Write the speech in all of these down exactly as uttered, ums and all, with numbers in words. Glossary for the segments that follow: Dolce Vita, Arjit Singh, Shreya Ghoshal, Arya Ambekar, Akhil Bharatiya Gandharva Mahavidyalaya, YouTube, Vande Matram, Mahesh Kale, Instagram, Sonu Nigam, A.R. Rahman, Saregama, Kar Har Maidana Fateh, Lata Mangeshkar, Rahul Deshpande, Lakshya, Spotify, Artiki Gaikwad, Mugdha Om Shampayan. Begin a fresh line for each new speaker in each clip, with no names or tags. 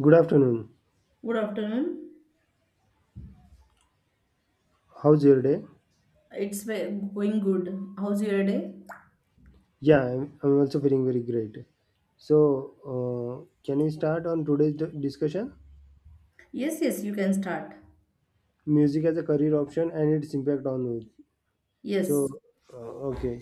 Good afternoon.
Good afternoon.
How's your day?
It's ve- going good. How's your day?
Yeah, I'm, I'm also feeling very great. So, uh, can we start on today's d- discussion?
Yes, yes, you can start.
Music as a career option and its impact on youth. So,
Yes.
uh, okay.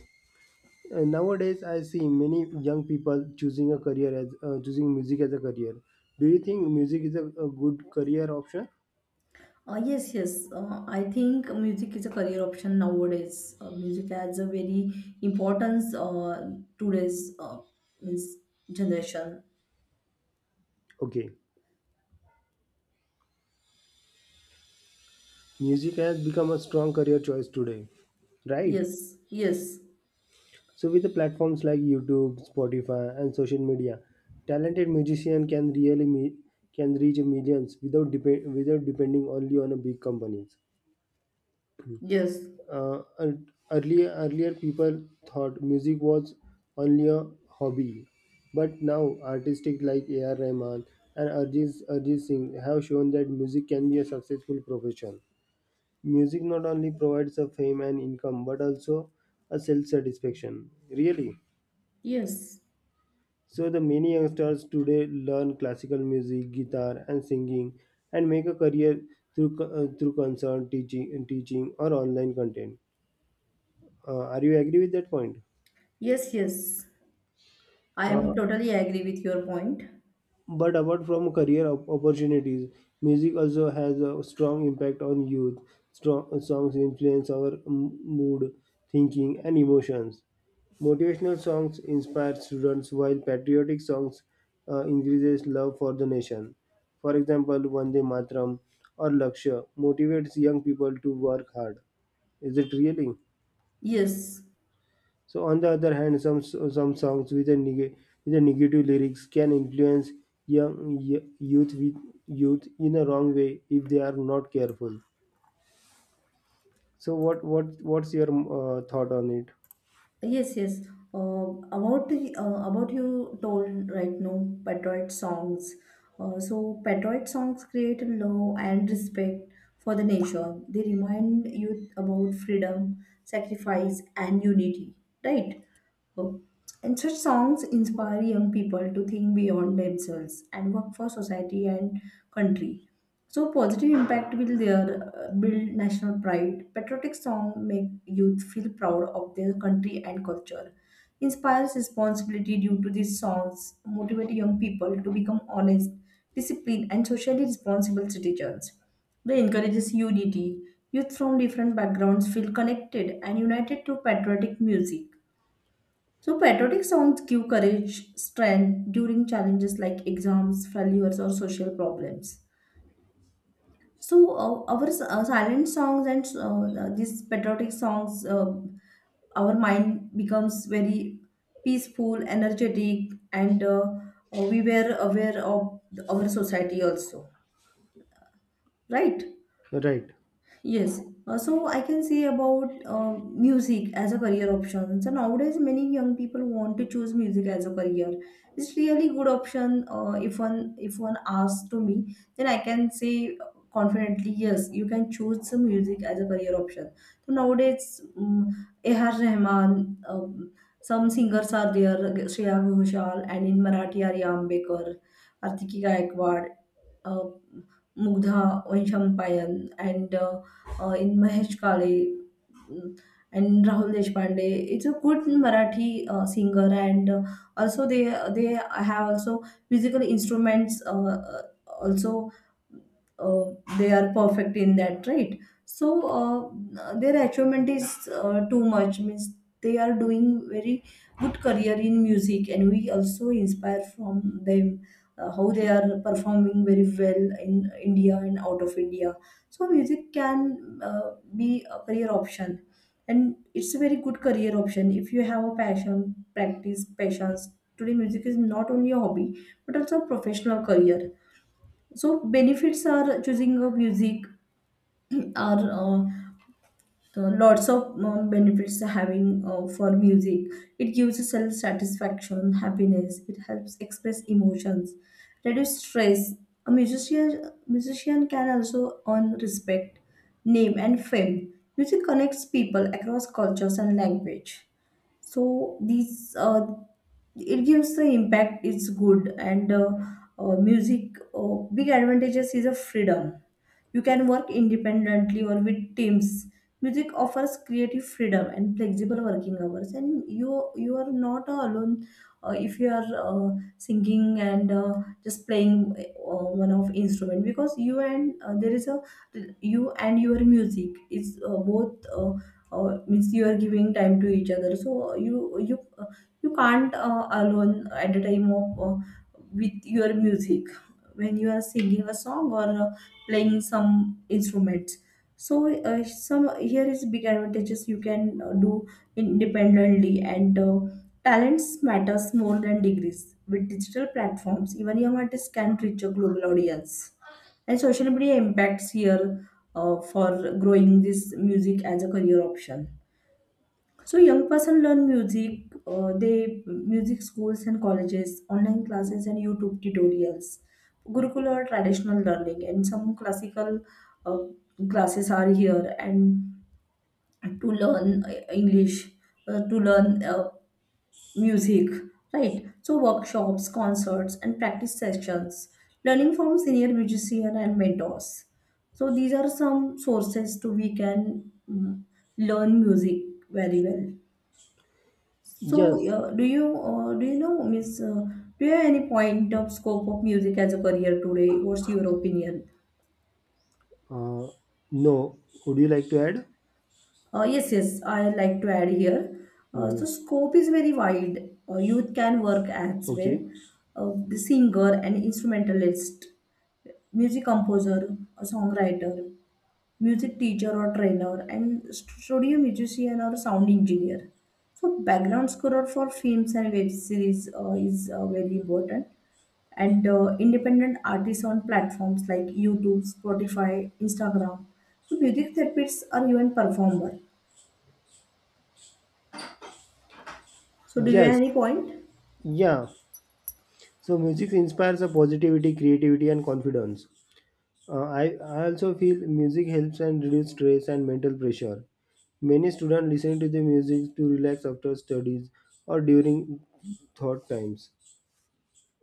Uh, nowadays, I see many young people choosing a career as uh, choosing music as a career. Do you think music is a, a good career option?
Uh, yes, yes. Uh, I think music is a career option nowadays. Uh, music has a very importance uh, today's uh, means generation.
Okay, music has become a strong career choice today, right?
Yes, yes,
So with the platforms like YouTube, Spotify, and social media, talented musician can really me- can reach millions without depend without depending only on a big companies.
yes,
Uh, ear- earlier earlier people thought music was only a hobby, but now artistic like A R. Rahman and Arjit Arjit Singh have shown that music can be a successful profession. Music not only provides a fame and income, but also a self satisfaction. Really.
yes,
So the many youngsters today learn classical music, guitar, and singing, and make a career through co- uh, through concert teaching, teaching or online content. Uh, are you agree with that point?
yes, yes. I
Uh,
am totally agree with your point.
But apart from career op- opportunities, music also has a strong impact on youth. Strong songs influence our m- mood, thinking, and emotions. Motivational songs inspire students, while patriotic songs uh, increases love for the nation. For example, Vande Matram or Lakshya motivates young people to work hard. Is it really?
Yes,
So, on the other hand, some some songs with a, neg- with a negative lyrics can influence young y- youth with youth in a wrong way if they are not careful. So, what what what's your uh, thought on it?
Yes, yes. Uh, about the- uh, about you told right now patriotic songs. Uh, so patriotic songs create love and respect for the nation. They remind youth about freedom, sacrifice, and unity. Right. Oh, and such songs inspire young people to think beyond themselves and work for society and country. So positive impact will there uh, build national pride. Patriotic song make youth feel proud of their country and culture. Inspires responsibility due to these songs motivate young people to become honest, disciplined, and socially responsible citizens. They encourages unity. Youth from different backgrounds feel connected and united to patriotic music, so patriotic songs give courage, strength during challenges like exams, failures, or social problems. So, uh, our s- uh, Silent songs and uh, uh, these patriotic songs, uh, our mind becomes very peaceful, energetic, and uh, uh, we were aware of our society also, right?
Right.
Yes, uh, so I can say about uh, music as a career option. So nowadays, many young people want to choose music as a career. It's really good option. Uh, if one if one asks to me, then I can say confidently, yes, you can choose some music as a career option. So nowadays, um, A R. Rahman, um, some singers are there, Shreya Ghoshal, and in Marathi, Arya Ambekar, Artiki Gaikwad, uh, Mugdha Om Shampayan and uh, uh, in Mahesh Kale and Rahul Deshpande. It's a good Marathi uh, singer, and uh, also they they have also musical instruments. Uh, uh, also, uh, they are perfect in that, right? So uh, their achievement is uh, too much. Means they are doing very good career in music, and we also inspire from them. Uh, how they are performing very well in India and out of India. So music can uh, be a career option, and it's a very good career option if you have a passion practice passions. Today music is not only a hobby but also a professional career. So benefits are choosing a music are uh, the lots of uh, benefits having uh, for music. It gives self satisfaction happiness. It helps express emotions, reduce stress. A musician musician can also earn respect, name and fame. Music connects people across cultures and language. So these uh, it gives the impact. It's good. And uh, uh, music uh, big advantages is a freedom. You can work independently or with teams. Music offers creative freedom and flexible working hours, and you you are not alone. Uh, if you are uh, singing and uh, just playing uh, one of instrument, because you and uh, there is a, you and your music is uh, both uh, uh, means you are giving time to each other. So uh, you you you can't uh, alone at the time of uh, with your music when you are singing a song or uh, playing some instruments. So uh, some here is big advantages. You can uh, do independently, and uh, talents matters more than degrees. With digital platforms, even young artists can reach a global audience. And social media impacts here uh, for growing this music as a career option. So young person learn music, uh, they music schools and colleges, online classes and YouTube tutorials, Gurukul or traditional learning, and some classical uh, classes are here, and to learn uh, English, uh, to learn uh, music, right? So workshops, concerts, and practice sessions, learning from senior musician and mentors. So these are some sources to we can mm, learn music very well. So,
Yes.
uh, do you uh, do you know, Miss? Uh, do you have any point of scope of music as a career today? What's your opinion?
Uh, no. Would you like to add?
Uh, yes, yes, I like to add here. Uh, so,
Mhm.
scope is very wide. Uh, youth can work as well,
Okay.
uh, the singer and instrumentalist, music composer, a songwriter, music teacher or trainer, and studio musician or sound engineer. So background scorer for films and web series uh, is uh, very important, and uh, independent artists on platforms like YouTube, Spotify, Instagram, to music therapists are even performer. So, do you have
Yes.
any point?
Yeah. So, music inspires a positivity, creativity, and confidence. Uh, I, I also feel music helps and reduce stress and mental pressure. Many students listen to the music to relax after studies or during thought times.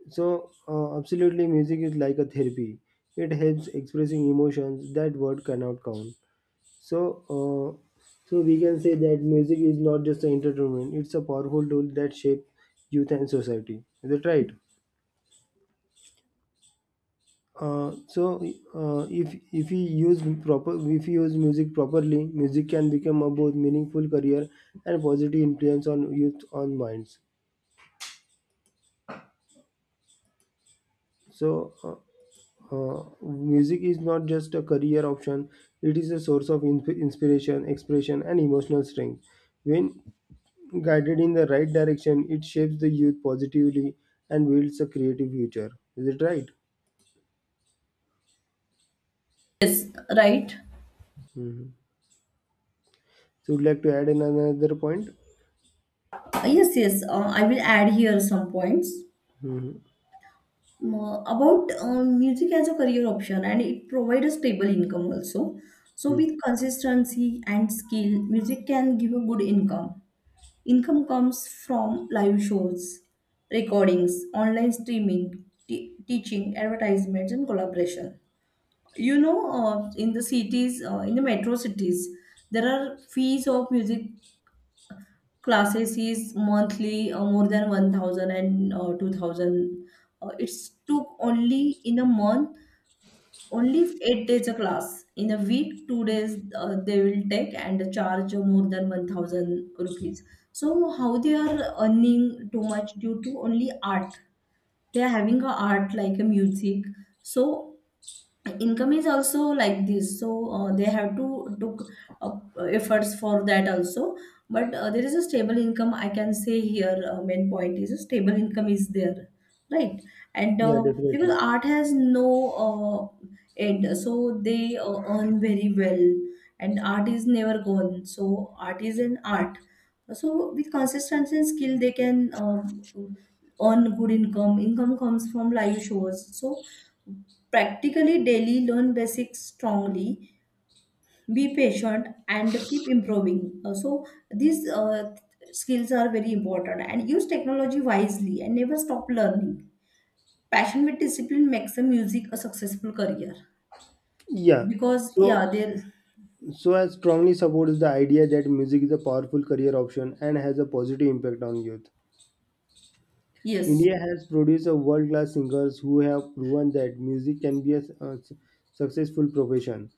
So, uh, absolutely, music is like a therapy. It helps expressing emotions that word cannot count. So, uh, so we can say that music is not just an entertainment; it's a powerful tool that shapes youth and society. Is that right? Uh, so uh, if if we use proper if we use music properly, music can become a both meaningful career and positive influence on youth on minds. So uh, uh, music is not just a career option; it is a source of in- inspiration, expression, and emotional strength. When guided in the right direction, it shapes the youth positively and builds a creative future. Is it right?
Yes, right.
Mhm. So, would like to add in another point?
Uh, Yes, yes. Uh, I will add here some points.
Mhm.
Uh, about uh, music as a career option, and it provides a stable income also. So
Mhm.
with consistency and skill, music can give a good income. Income comes from live shows, recordings, online streaming, te- teaching, advertisements, and collaboration. You know, uh, in the cities, uh, in the metro cities, there are fees of music classes is monthly uh, more than one thousand and uh, two thousand. Uh, it's took only in a month, only eight days a class, in a week two days uh, they will take and charge more than one thousand rupees. So how they are earning too much, due to only art they are having, a art like a music. So income is also like this. So uh, they have to took up uh, efforts for that also. But uh, there is a stable income, I can say here. Uh, main point is a stable income is there, right? And
Yeah,
uh, because
definitely.
art has no uh, end, so they uh, earn very well. And art is never gone, so art is an art. So with consistency and skill, they can uh, earn good income. Income comes from live shows. So practically daily learn basics strongly, be patient and keep improving. Uh, so these uh, skills are very important, and use technology wisely and never stop learning. Passion with discipline makes a music a successful career,
Yeah.
because
So,
yeah there.
so I strongly support the idea that music is a powerful career option and has a positive impact on youth.
Yes,
India has produced a world-class singers who have proven that music can be a, s- a s- successful profession.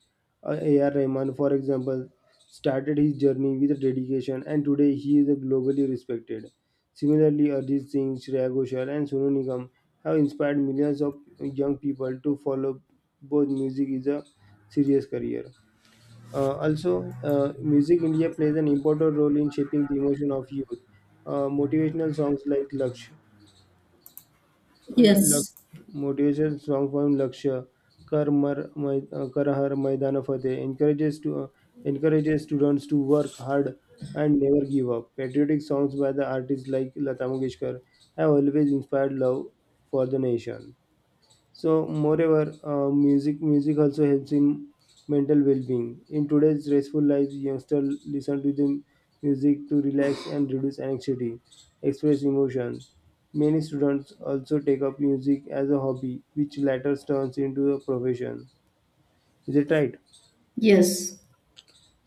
Uh, A.R. Rahman, for example, started his journey with dedication, and today he is a globally respected. Similarly, Arjit Singh, Shreya Ghoshal, and Sonu Nigam have inspired millions of young people to follow both music is a serious career. Uh, also, uh, Music India plays an important role in shaping the emotion of youth. Uh, motivational songs like Laksh, Laksh
yes,
motivational song from Lakshya, Kar Mar, Mai, uh, Kar Har Maidana Fateh encourages to uh, encourages students to work hard and never give up. Patriotic songs by the artists like Lata Mangeshkar have always inspired love for the nation. So, moreover, uh, music music also helps in mental well-being. In today's stressful lives, youngsters listen to the music to relax and reduce anxiety, express emotions. Many students also take up music as a hobby, which later turns into a profession. Is it right?
yes,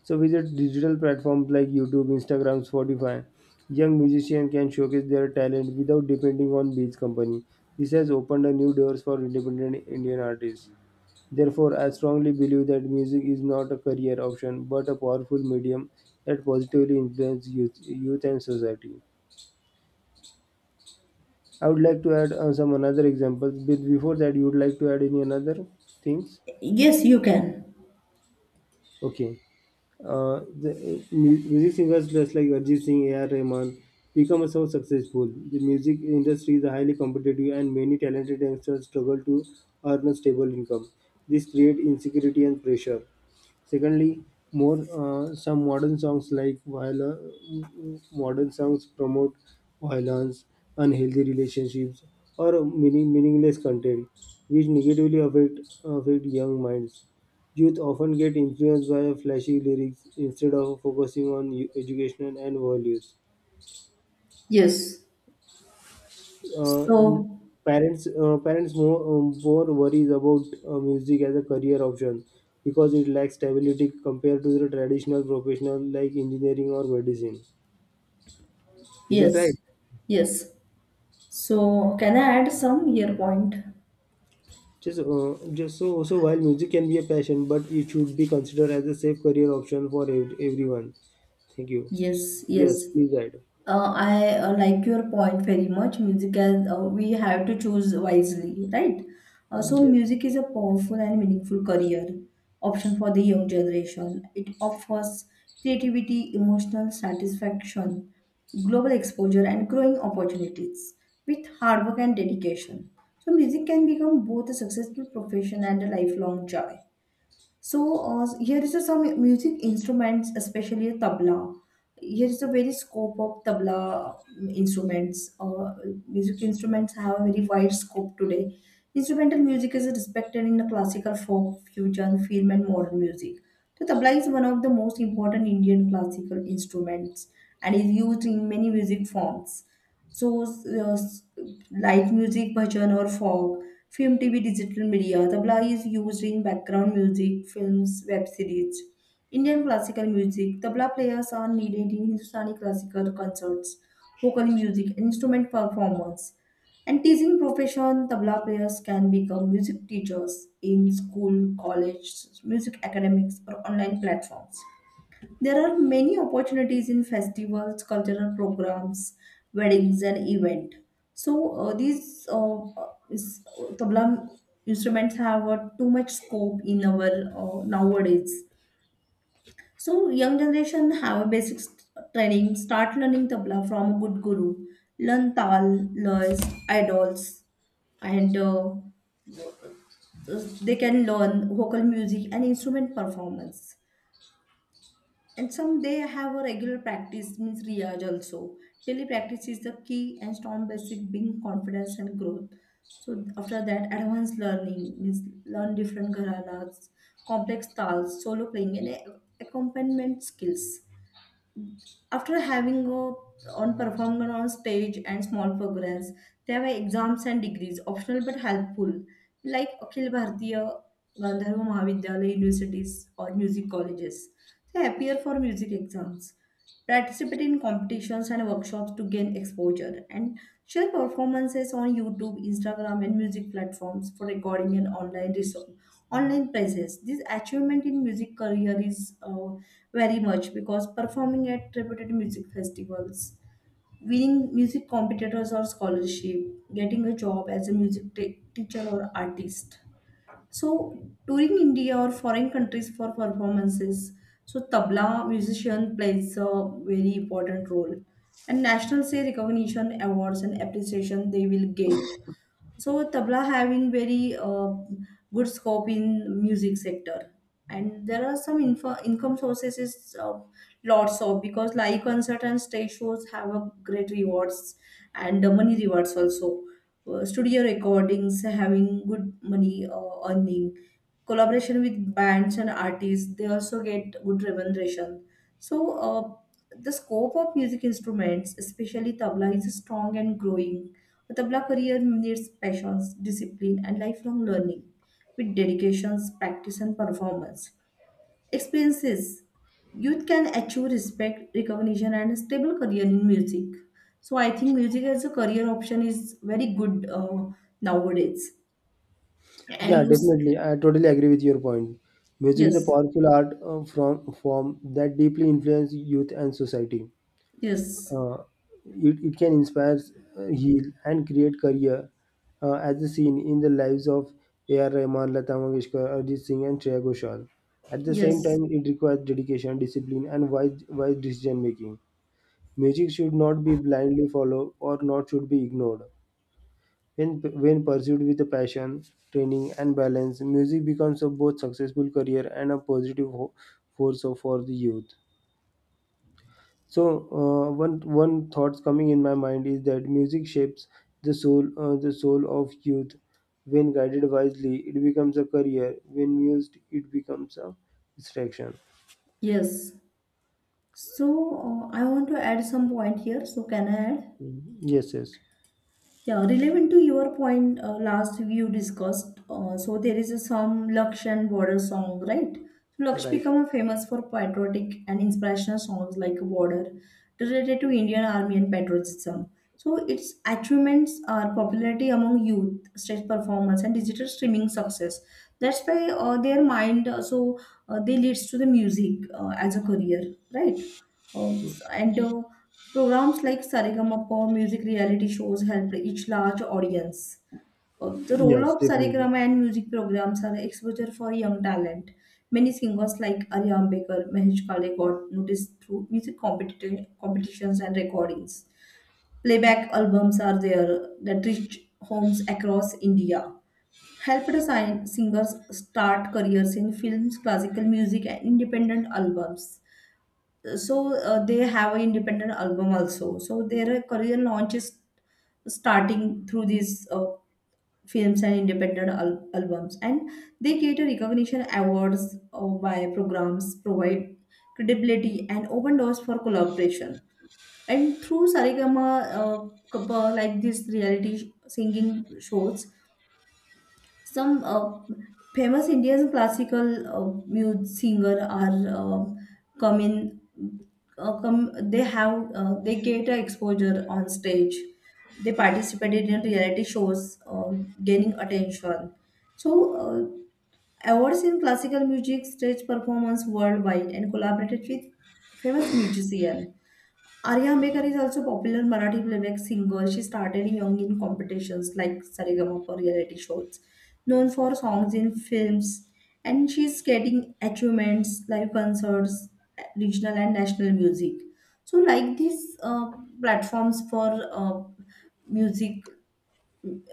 So, with the digital platforms like YouTube, Instagram, Spotify, young musicians can showcase their talent without depending on beach company. This has opened a new doors for independent Indian artists. Therefore, I strongly believe that music is not a career option but a powerful medium that positively influences youth, youth and society. I would like to add uh, some another examples, but before that, you would like to add any another things?
yes, you can.
Okay. uh, the uh, mu- music singers just like Arjit Singh, A R. Rahman become so successful. The music industry is highly competitive, and many talented youngsters struggle to earn a stable income. This creates insecurity and pressure. Secondly, more uh, some modern songs like viol- uh, modern songs promote violence, unhealthy relationships, or meaning- meaningless content, which negatively affect affect young minds. Youth often get influenced by flashy lyrics instead of focusing on eu- education and values.
Yes,
Uh, m-
so
parents uh, Parents more, um, more worries about uh, music as a career option because it lacks stability compared to the traditional professional like engineering or medicine. Is it
yes,
right?
yes, so can I add some here point?
Just, uh, just so Also while music can be a passion, but it should be considered as a safe career option for ev- everyone. Thank you.
Yes, yes.
Yes, please add.
Uh, I uh, like your point very much. Music as uh, we have to choose wisely, right? Uh,
Mm,
so
yes.
music is a powerful and meaningful career option for the young generation. It offers creativity, emotional satisfaction, global exposure, and growing opportunities with hard work and dedication. So music can become both a successful profession and a lifelong joy. So uh, here is a some music instruments, especially a tabla. Here is a very scope of tabla instruments. Uh, music instruments have a very wide scope today. Instrumental music is respected in the classical, folk, fusion, film, and modern music. The tabla is one of the most important Indian classical instruments and is used in many music forms. So, uh, light music, bhajan, or folk, film, T V, digital media. Tabla is used in background music, films, web series. Indian classical music. Tabla players are needed in Hindustani classical concerts, vocal music, instrument performance. And teaching profession, tabla players can become music teachers in school, college, music academics, or online platforms. There are many opportunities in festivals, cultural programs, weddings, and event. So uh, these uh, uh, is, uh, tabla instruments have uh, too much scope in our uh, nowadays. So young generation have a basic st- training. Start learning tabla from a good guru. Learn tal, lays, idols, and uh, uh, they can learn vocal music and instrument performance. And some they have a regular practice, means riyaj also. Daily practice is the key, and strong basic being confidence and growth. So after that advanced learning means learn different gharanas, complex styles, solo playing and a- accompaniment skills. After having a on performing on stage and small programs, there were exams and degrees, optional but helpful, like Akhil Bharatiya Gandharva Mahavidyalaya universities or music colleges. They appear for music exams, participate in competitions and workshops to gain exposure, and share performances on YouTube, Instagram, and music platforms for recording and online resource online prizes. This achievement in music career is uh, very much, because performing at reputed music festivals, winning music competitors or scholarship, getting a job as a music t- teacher or artist. So touring India or foreign countries for performances. So tabla musician plays a very important role, and national say recognition awards and appreciation they will get. So tabla having very uh, good scope in music sector, and there are some info, income sources is uh, lots of, because live concert and stage shows have a great rewards, and uh, money rewards also. Uh, studio recordings having good money uh, earning. Collaboration with bands and artists, they also get good remuneration. So uh, the scope of music instruments, especially tabla, is strong and growing. A tabla career needs passions, discipline, and lifelong learning. With dedications, practice and performance experiences, youth can achieve respect, recognition, and a stable career in music. So I think music as a career option is very good, uh, nowadays. And
Yeah,
use,
definitely. I totally agree with your point. Music is a
yes,
powerful art uh, from form that deeply influences youth and society.
yes.
Uh, it, it can inspire, uh, heal, and create career, uh, as is seen in the lives of A R. Rahman, Lata Mangeshkar, Arjit Singh, and Shreya Ghoshal. At the same
Yes,
time, it requires dedication, discipline, and wise, wise decision making. Music should not be blindly followed or not should be ignored. When, when pursued with passion, training, and balance, music becomes a both successful career and a positive ho- force for the youth. So, uh, one one thoughts coming in my mind is that music shapes the soul, uh, the soul of youth. When guided wisely, it becomes a career. When used, it becomes a distraction.
yes. So uh, I want to add some point here. So can I add?
Mhm. Yes, yes,
Yeah, relevant to your point, uh, last you discussed, uh, so there is a some Laksh and Border song, right? So Laksh
right.
become famous for patriotic and inspirational songs like Border, related to Indian Army and patriotism. So its achievements are popularity among youth, stage performance, and digital streaming success. That's why uh, their mind, uh, so uh, they leads to the music uh, as a career, right? Um, s- and uh, Programs like Saregama music reality shows helped each large audience. Uh, the role
Yes,
of
definitely.
Saregama and music programs are exposure for young talent. Many singers like Arya Ambekar, Mahesh Kale got noticed through music competition, competitions and recordings. Playback albums are there that reach homes across India. Helped sign singers start careers in films, classical music, and independent albums, so uh, they have an independent album also, so their career launch is starting through these uh, films and independent al- albums, and they get a recognition awards uh, by programs provide credibility and open doors for collaboration and through sarigama uh, couple like these reality sh- singing shows. Some uh, famous Indian classical uh, music singer are uh, come in, uh, come. They have uh, they get a exposure on stage. They participated in reality shows, uh, gaining attention. So. Uh, Awards in classical music, stage performance worldwide, and collaborated with famous musician. Arya Ambekar is also popular Marathi playback singer. She started young in competitions like Saregama reality shows, known for songs in films, and she's getting achievements like concerts, regional and national music. So, like these uh, platforms for uh, music,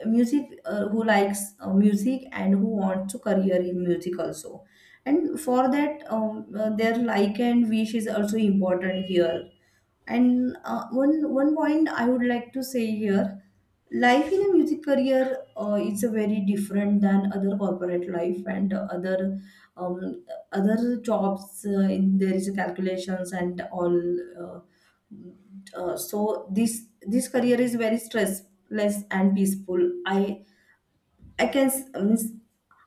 music uh, who likes uh, music and who wants to career in music also. And for that, um, uh, their like and wish is also important here, and uh, one one point I would like to say here, life in a music career uh, is a very different than other corporate life and uh, other um, other jobs. Uh, in, there is calculations and all. Uh, uh, so this this career is very stressless and peaceful. I I can s- means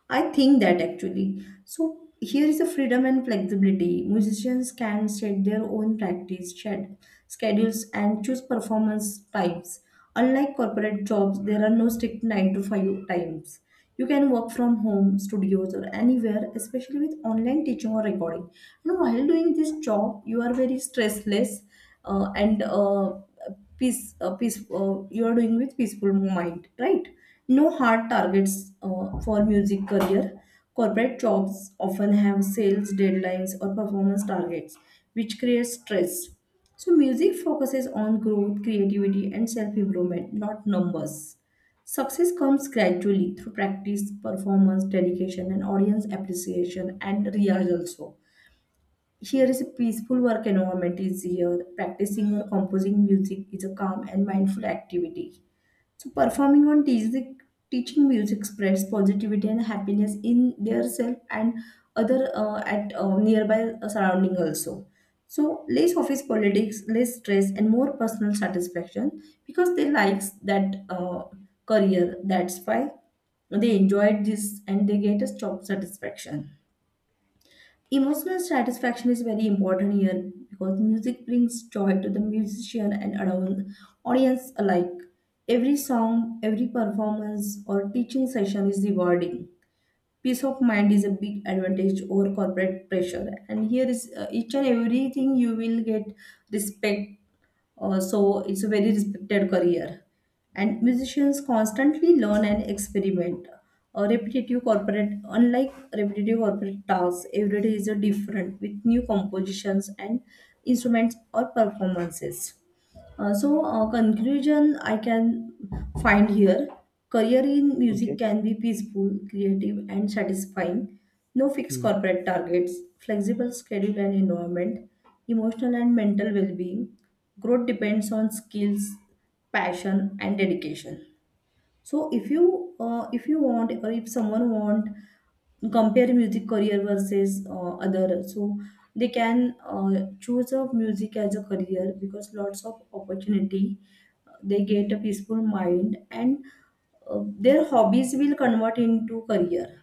I think that actually. So here is the freedom and flexibility. Musicians can set their own practice shed, schedules and choose performance types. Unlike corporate jobs, there are no strict nine to five times. You can work from home, studios, or anywhere, especially with online teaching or recording. And while doing this job, you are very stressless uh, and uh, peace uh, peace uh, you are doing with peaceful mind, right? No hard targets uh, for music career. Corporate jobs often have sales deadlines or performance targets which creates stress, so music focuses on growth, creativity, and self improvement, not numbers. Success comes gradually through practice, performance, dedication, and audience appreciation and rehearsal. Also. Here is a peaceful work environment is here. Practicing or composing music is a calm and mindful activity. So performing on teaching, teaching music spreads positivity and happiness in their self and other uh, at uh, nearby uh, surrounding also. So less office politics, less stress, and more personal satisfaction because they likes that uh, career. That's why they enjoyed this and they get a job satisfaction. Emotional satisfaction is very important here because music brings joy to the musician and adou- audience alike. Every song, every performance, or teaching session is rewarding. Peace of mind is a big advantage over corporate pressure, and here is uh, each and everything you will get respect, uh, so it's a very respected career. And musicians constantly learn and experiment. A repetitive corporate, unlike repetitive corporate tasks, every day is a different with new compositions and instruments or performances. Uh, so, uh, conclusion I can find here, career in music
Okay.
can be peaceful, creative, and satisfying. No fixed
Mhm.
corporate targets, flexible schedule and environment, emotional and mental well being. Growth depends on skills, passion, and dedication. So if you uh, if you want or if someone want compare music career versus uh, other, so they can uh, choose a music as a career because lots of opportunity. uh, They get a peaceful mind, and uh, their hobbies will convert into career.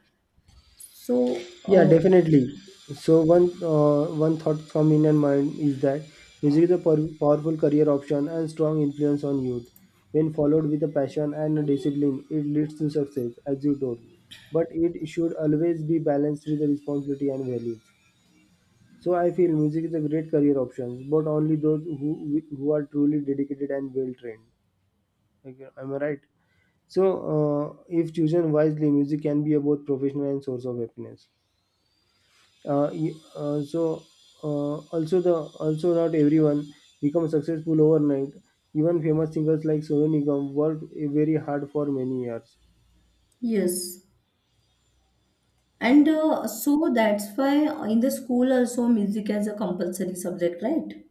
So
Yeah,
uh,
definitely. So one uh, one thought from in and mind is that music is a pow- powerful career option and strong influence on youth. When followed with a passion and a discipline, it leads to success, as you told. But it should always be balanced with the responsibility and values. So I feel music is a great career option, but only those who who are truly dedicated and well trained. Okay, am I right? So uh, if chosen wisely, music can be a both professional and source of happiness uh, y- uh, so uh, also the also not everyone becomes successful overnight, even famous singers like Sonu Nigam worked uh, very hard for many years.
yes, and uh, so that's why in the school also music as a compulsory subject, right?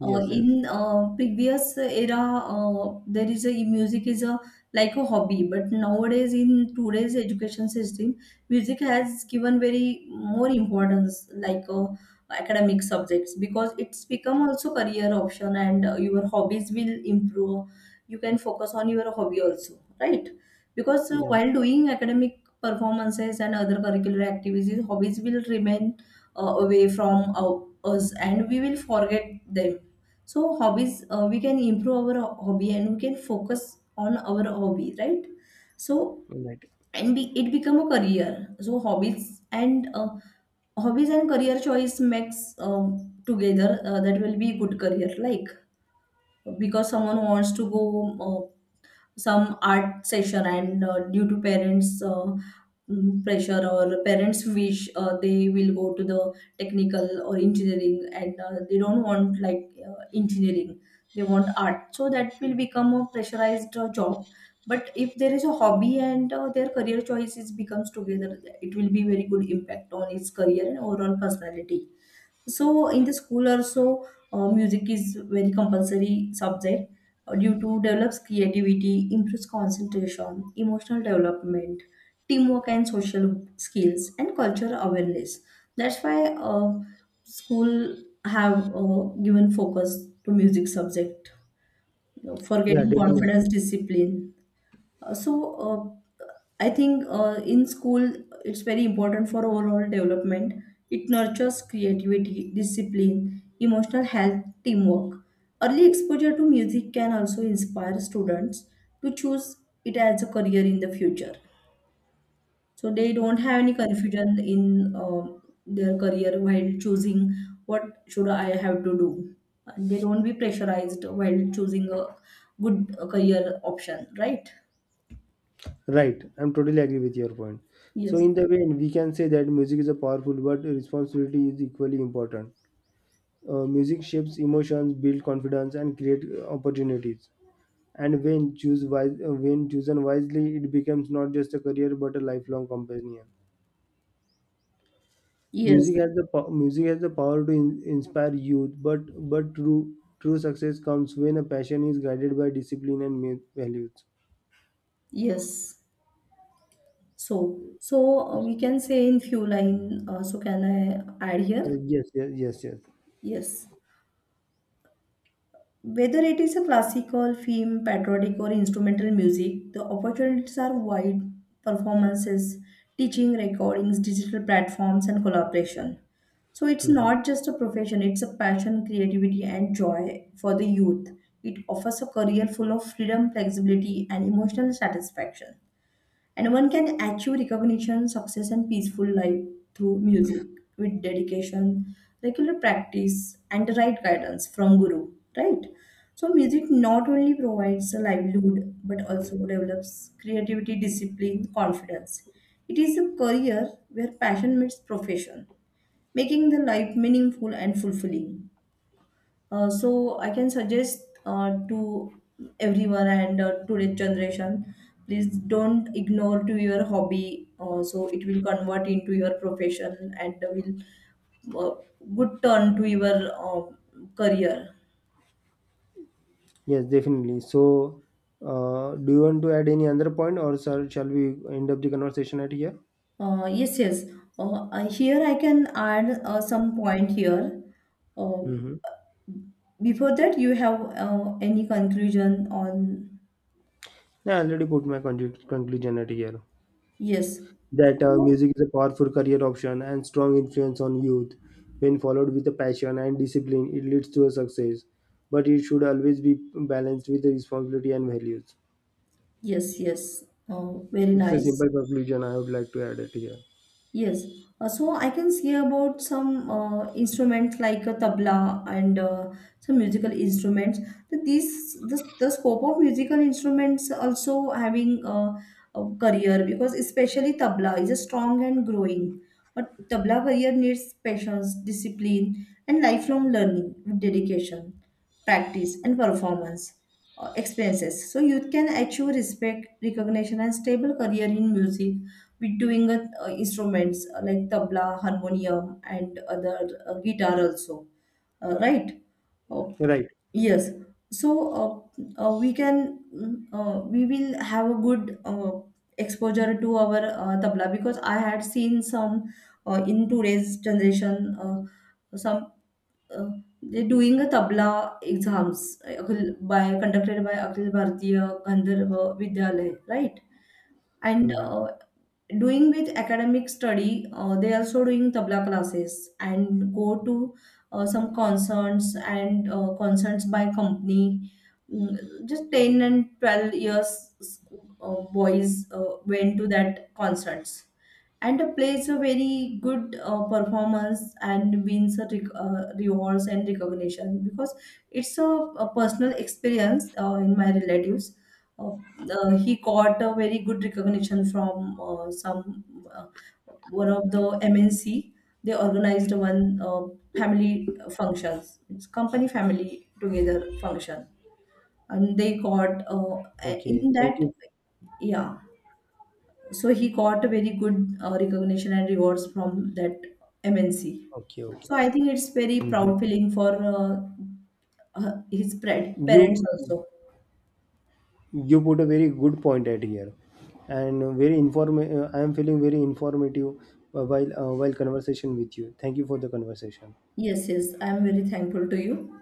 uh,
yes.
in uh, previous era uh, there is a e, music is a like a hobby, but nowadays in today's education system music has given very more importance like uh, academic subjects, because it's become also career option, and uh, your hobbies will improve. You can focus on your hobby also, right? Because uh,
Yeah,
while doing academic performances and other curricular activities, hobbies will remain uh, away from uh, us and we will forget them. So hobbies, uh, we can improve our hobby and we can focus on our hobby, right? So
right.
and be, it become a career. So hobbies and uh, hobbies and career choice makes um together uh, that will be good career. Like, because someone wants to go uh, some art session, and uh, due to parents uh, mm, pressure or parents wish, uh, they will go to the technical or engineering, and uh, they don't want like uh, engineering, they want art, so that will become a pressurized uh, job. But if there is a hobby and uh, their career choices becomes together, it will be very good impact on his career and overall personality. So in the school also, uh, music is very compulsory subject uh, due to develops creativity, improves concentration, emotional development, teamwork and social skills, and cultural awareness. That's why uh, school have uh, given focus to music subject, you for
Yeah,
getting
definitely.
confidence, discipline. Uh, so uh, I think uh, in school it's very important for overall development. It nurtures creativity, discipline, emotional health, teamwork. Early exposure to music can also inspire students to choose it as a career in the future, so they don't have any confusion in uh, their career while choosing what should I have to do, and they don't be pressurized while choosing a good uh, career option, right?
Right. I'm totally agree with your point. So
Yes.
in the way we can say that music is a powerful but responsibility is equally important. Uh, music shapes emotions build confidence and create uh, opportunities, and when choose wise, uh, when chosen wisely it becomes not just a career but a lifelong companion. Music
Yes,
has the po- music has the power to in- inspire youth, but but true true success comes when a passion is guided by discipline and mu- values.
yes. So, so uh, we can say in few line. Uh, so can I add
Uh,
here?
Yes, yes, yes, yes.
Yes. Whether it is a classical, film, patriotic, or instrumental music, the opportunities are wide. Performances, teaching, recordings, digital platforms, and collaboration. So it's
Mhm.
not just a profession, it's a passion, creativity, and joy for the youth. It offers a career full of freedom, flexibility, and emotional satisfaction. And one can achieve recognition, success, and peaceful life through music with dedication, regular practice, and the right guidance from guru. Right? So, music not only provides a livelihood but also develops creativity, discipline, confidence. It is a career where passion meets profession, making the life meaningful and fulfilling. Uh, so I can suggest uh, to everyone and uh, today's generation, please don't ignore to your hobby. Uh, so it will convert into your profession and will uh, good turn to your uh, career.
Yes, definitely. So, uh, do you want to add any other point, or sir, shall we end up the conversation at here?
Uh, yes, yes. Uh, I- here I can add uh, some point here. Uh,
Mm-hmm.
Before that, you have uh, any conclusion on?
I already put my con- conclusion at here.
Yes.
That uh,
So,
music is a powerful career option and strong influence on youth. When followed with a passion and discipline, it leads to a success. But it should always be balanced with the responsibility and values.
yes, yes. Uh, very
It's a
nice.
simple conclusion. I would like to add it here.
Yes. Uh, so I can see about some uh, instruments like a tabla and uh, some musical instruments. The, these the, the scope of musical instruments also having uh, a career, because especially tabla is a strong and growing. A tabla career needs patience, discipline, and lifelong learning with dedication, practice, and performance uh, experiences. So youth can achieve respect, recognition, and stable career in music with doing uh, uh, instruments uh, like tabla, harmonium, and other uh, guitar also, uh, right? Oh,
Right.
yes. So uh, uh, we can mm, uh, we will have a good uh, exposure to our uh, tabla, because I had seen some uh, in today's generation uh, some uh, they're doing a tabla exams uh, Akhil- by conducted by Akhil Bharatiya Gandharva Vidyalaya, right? And
Hmm.
uh, doing with academic study uh, they also doing tabla classes and go to uh, some concerts and uh, concerts by company. Mm, just ten and twelve years uh, boys uh, went to that concerts and plays a very good uh, performance and wins a rec- uh, rewards and recognition, because it's a, a personal experience uh, in my relatives. Uh, uh, he got a very good recognition from uh, some uh, one of the M N C. They organized one uh, family functions. It's company family together function, and they got uh,
Okay.
in
Thank
that,
you.
yeah, so he got a very good uh, recognition and rewards from that M N C.
Okay. Okay.
So I think it's very
Hmm.
proud feeling for uh, uh, his pred- parents
You
also.
you put a very good point at here, and very inform. I am feeling very informative uh, while uh, while conversation with you. Thank you for the conversation.
Yes, yes, I'm very thankful to you.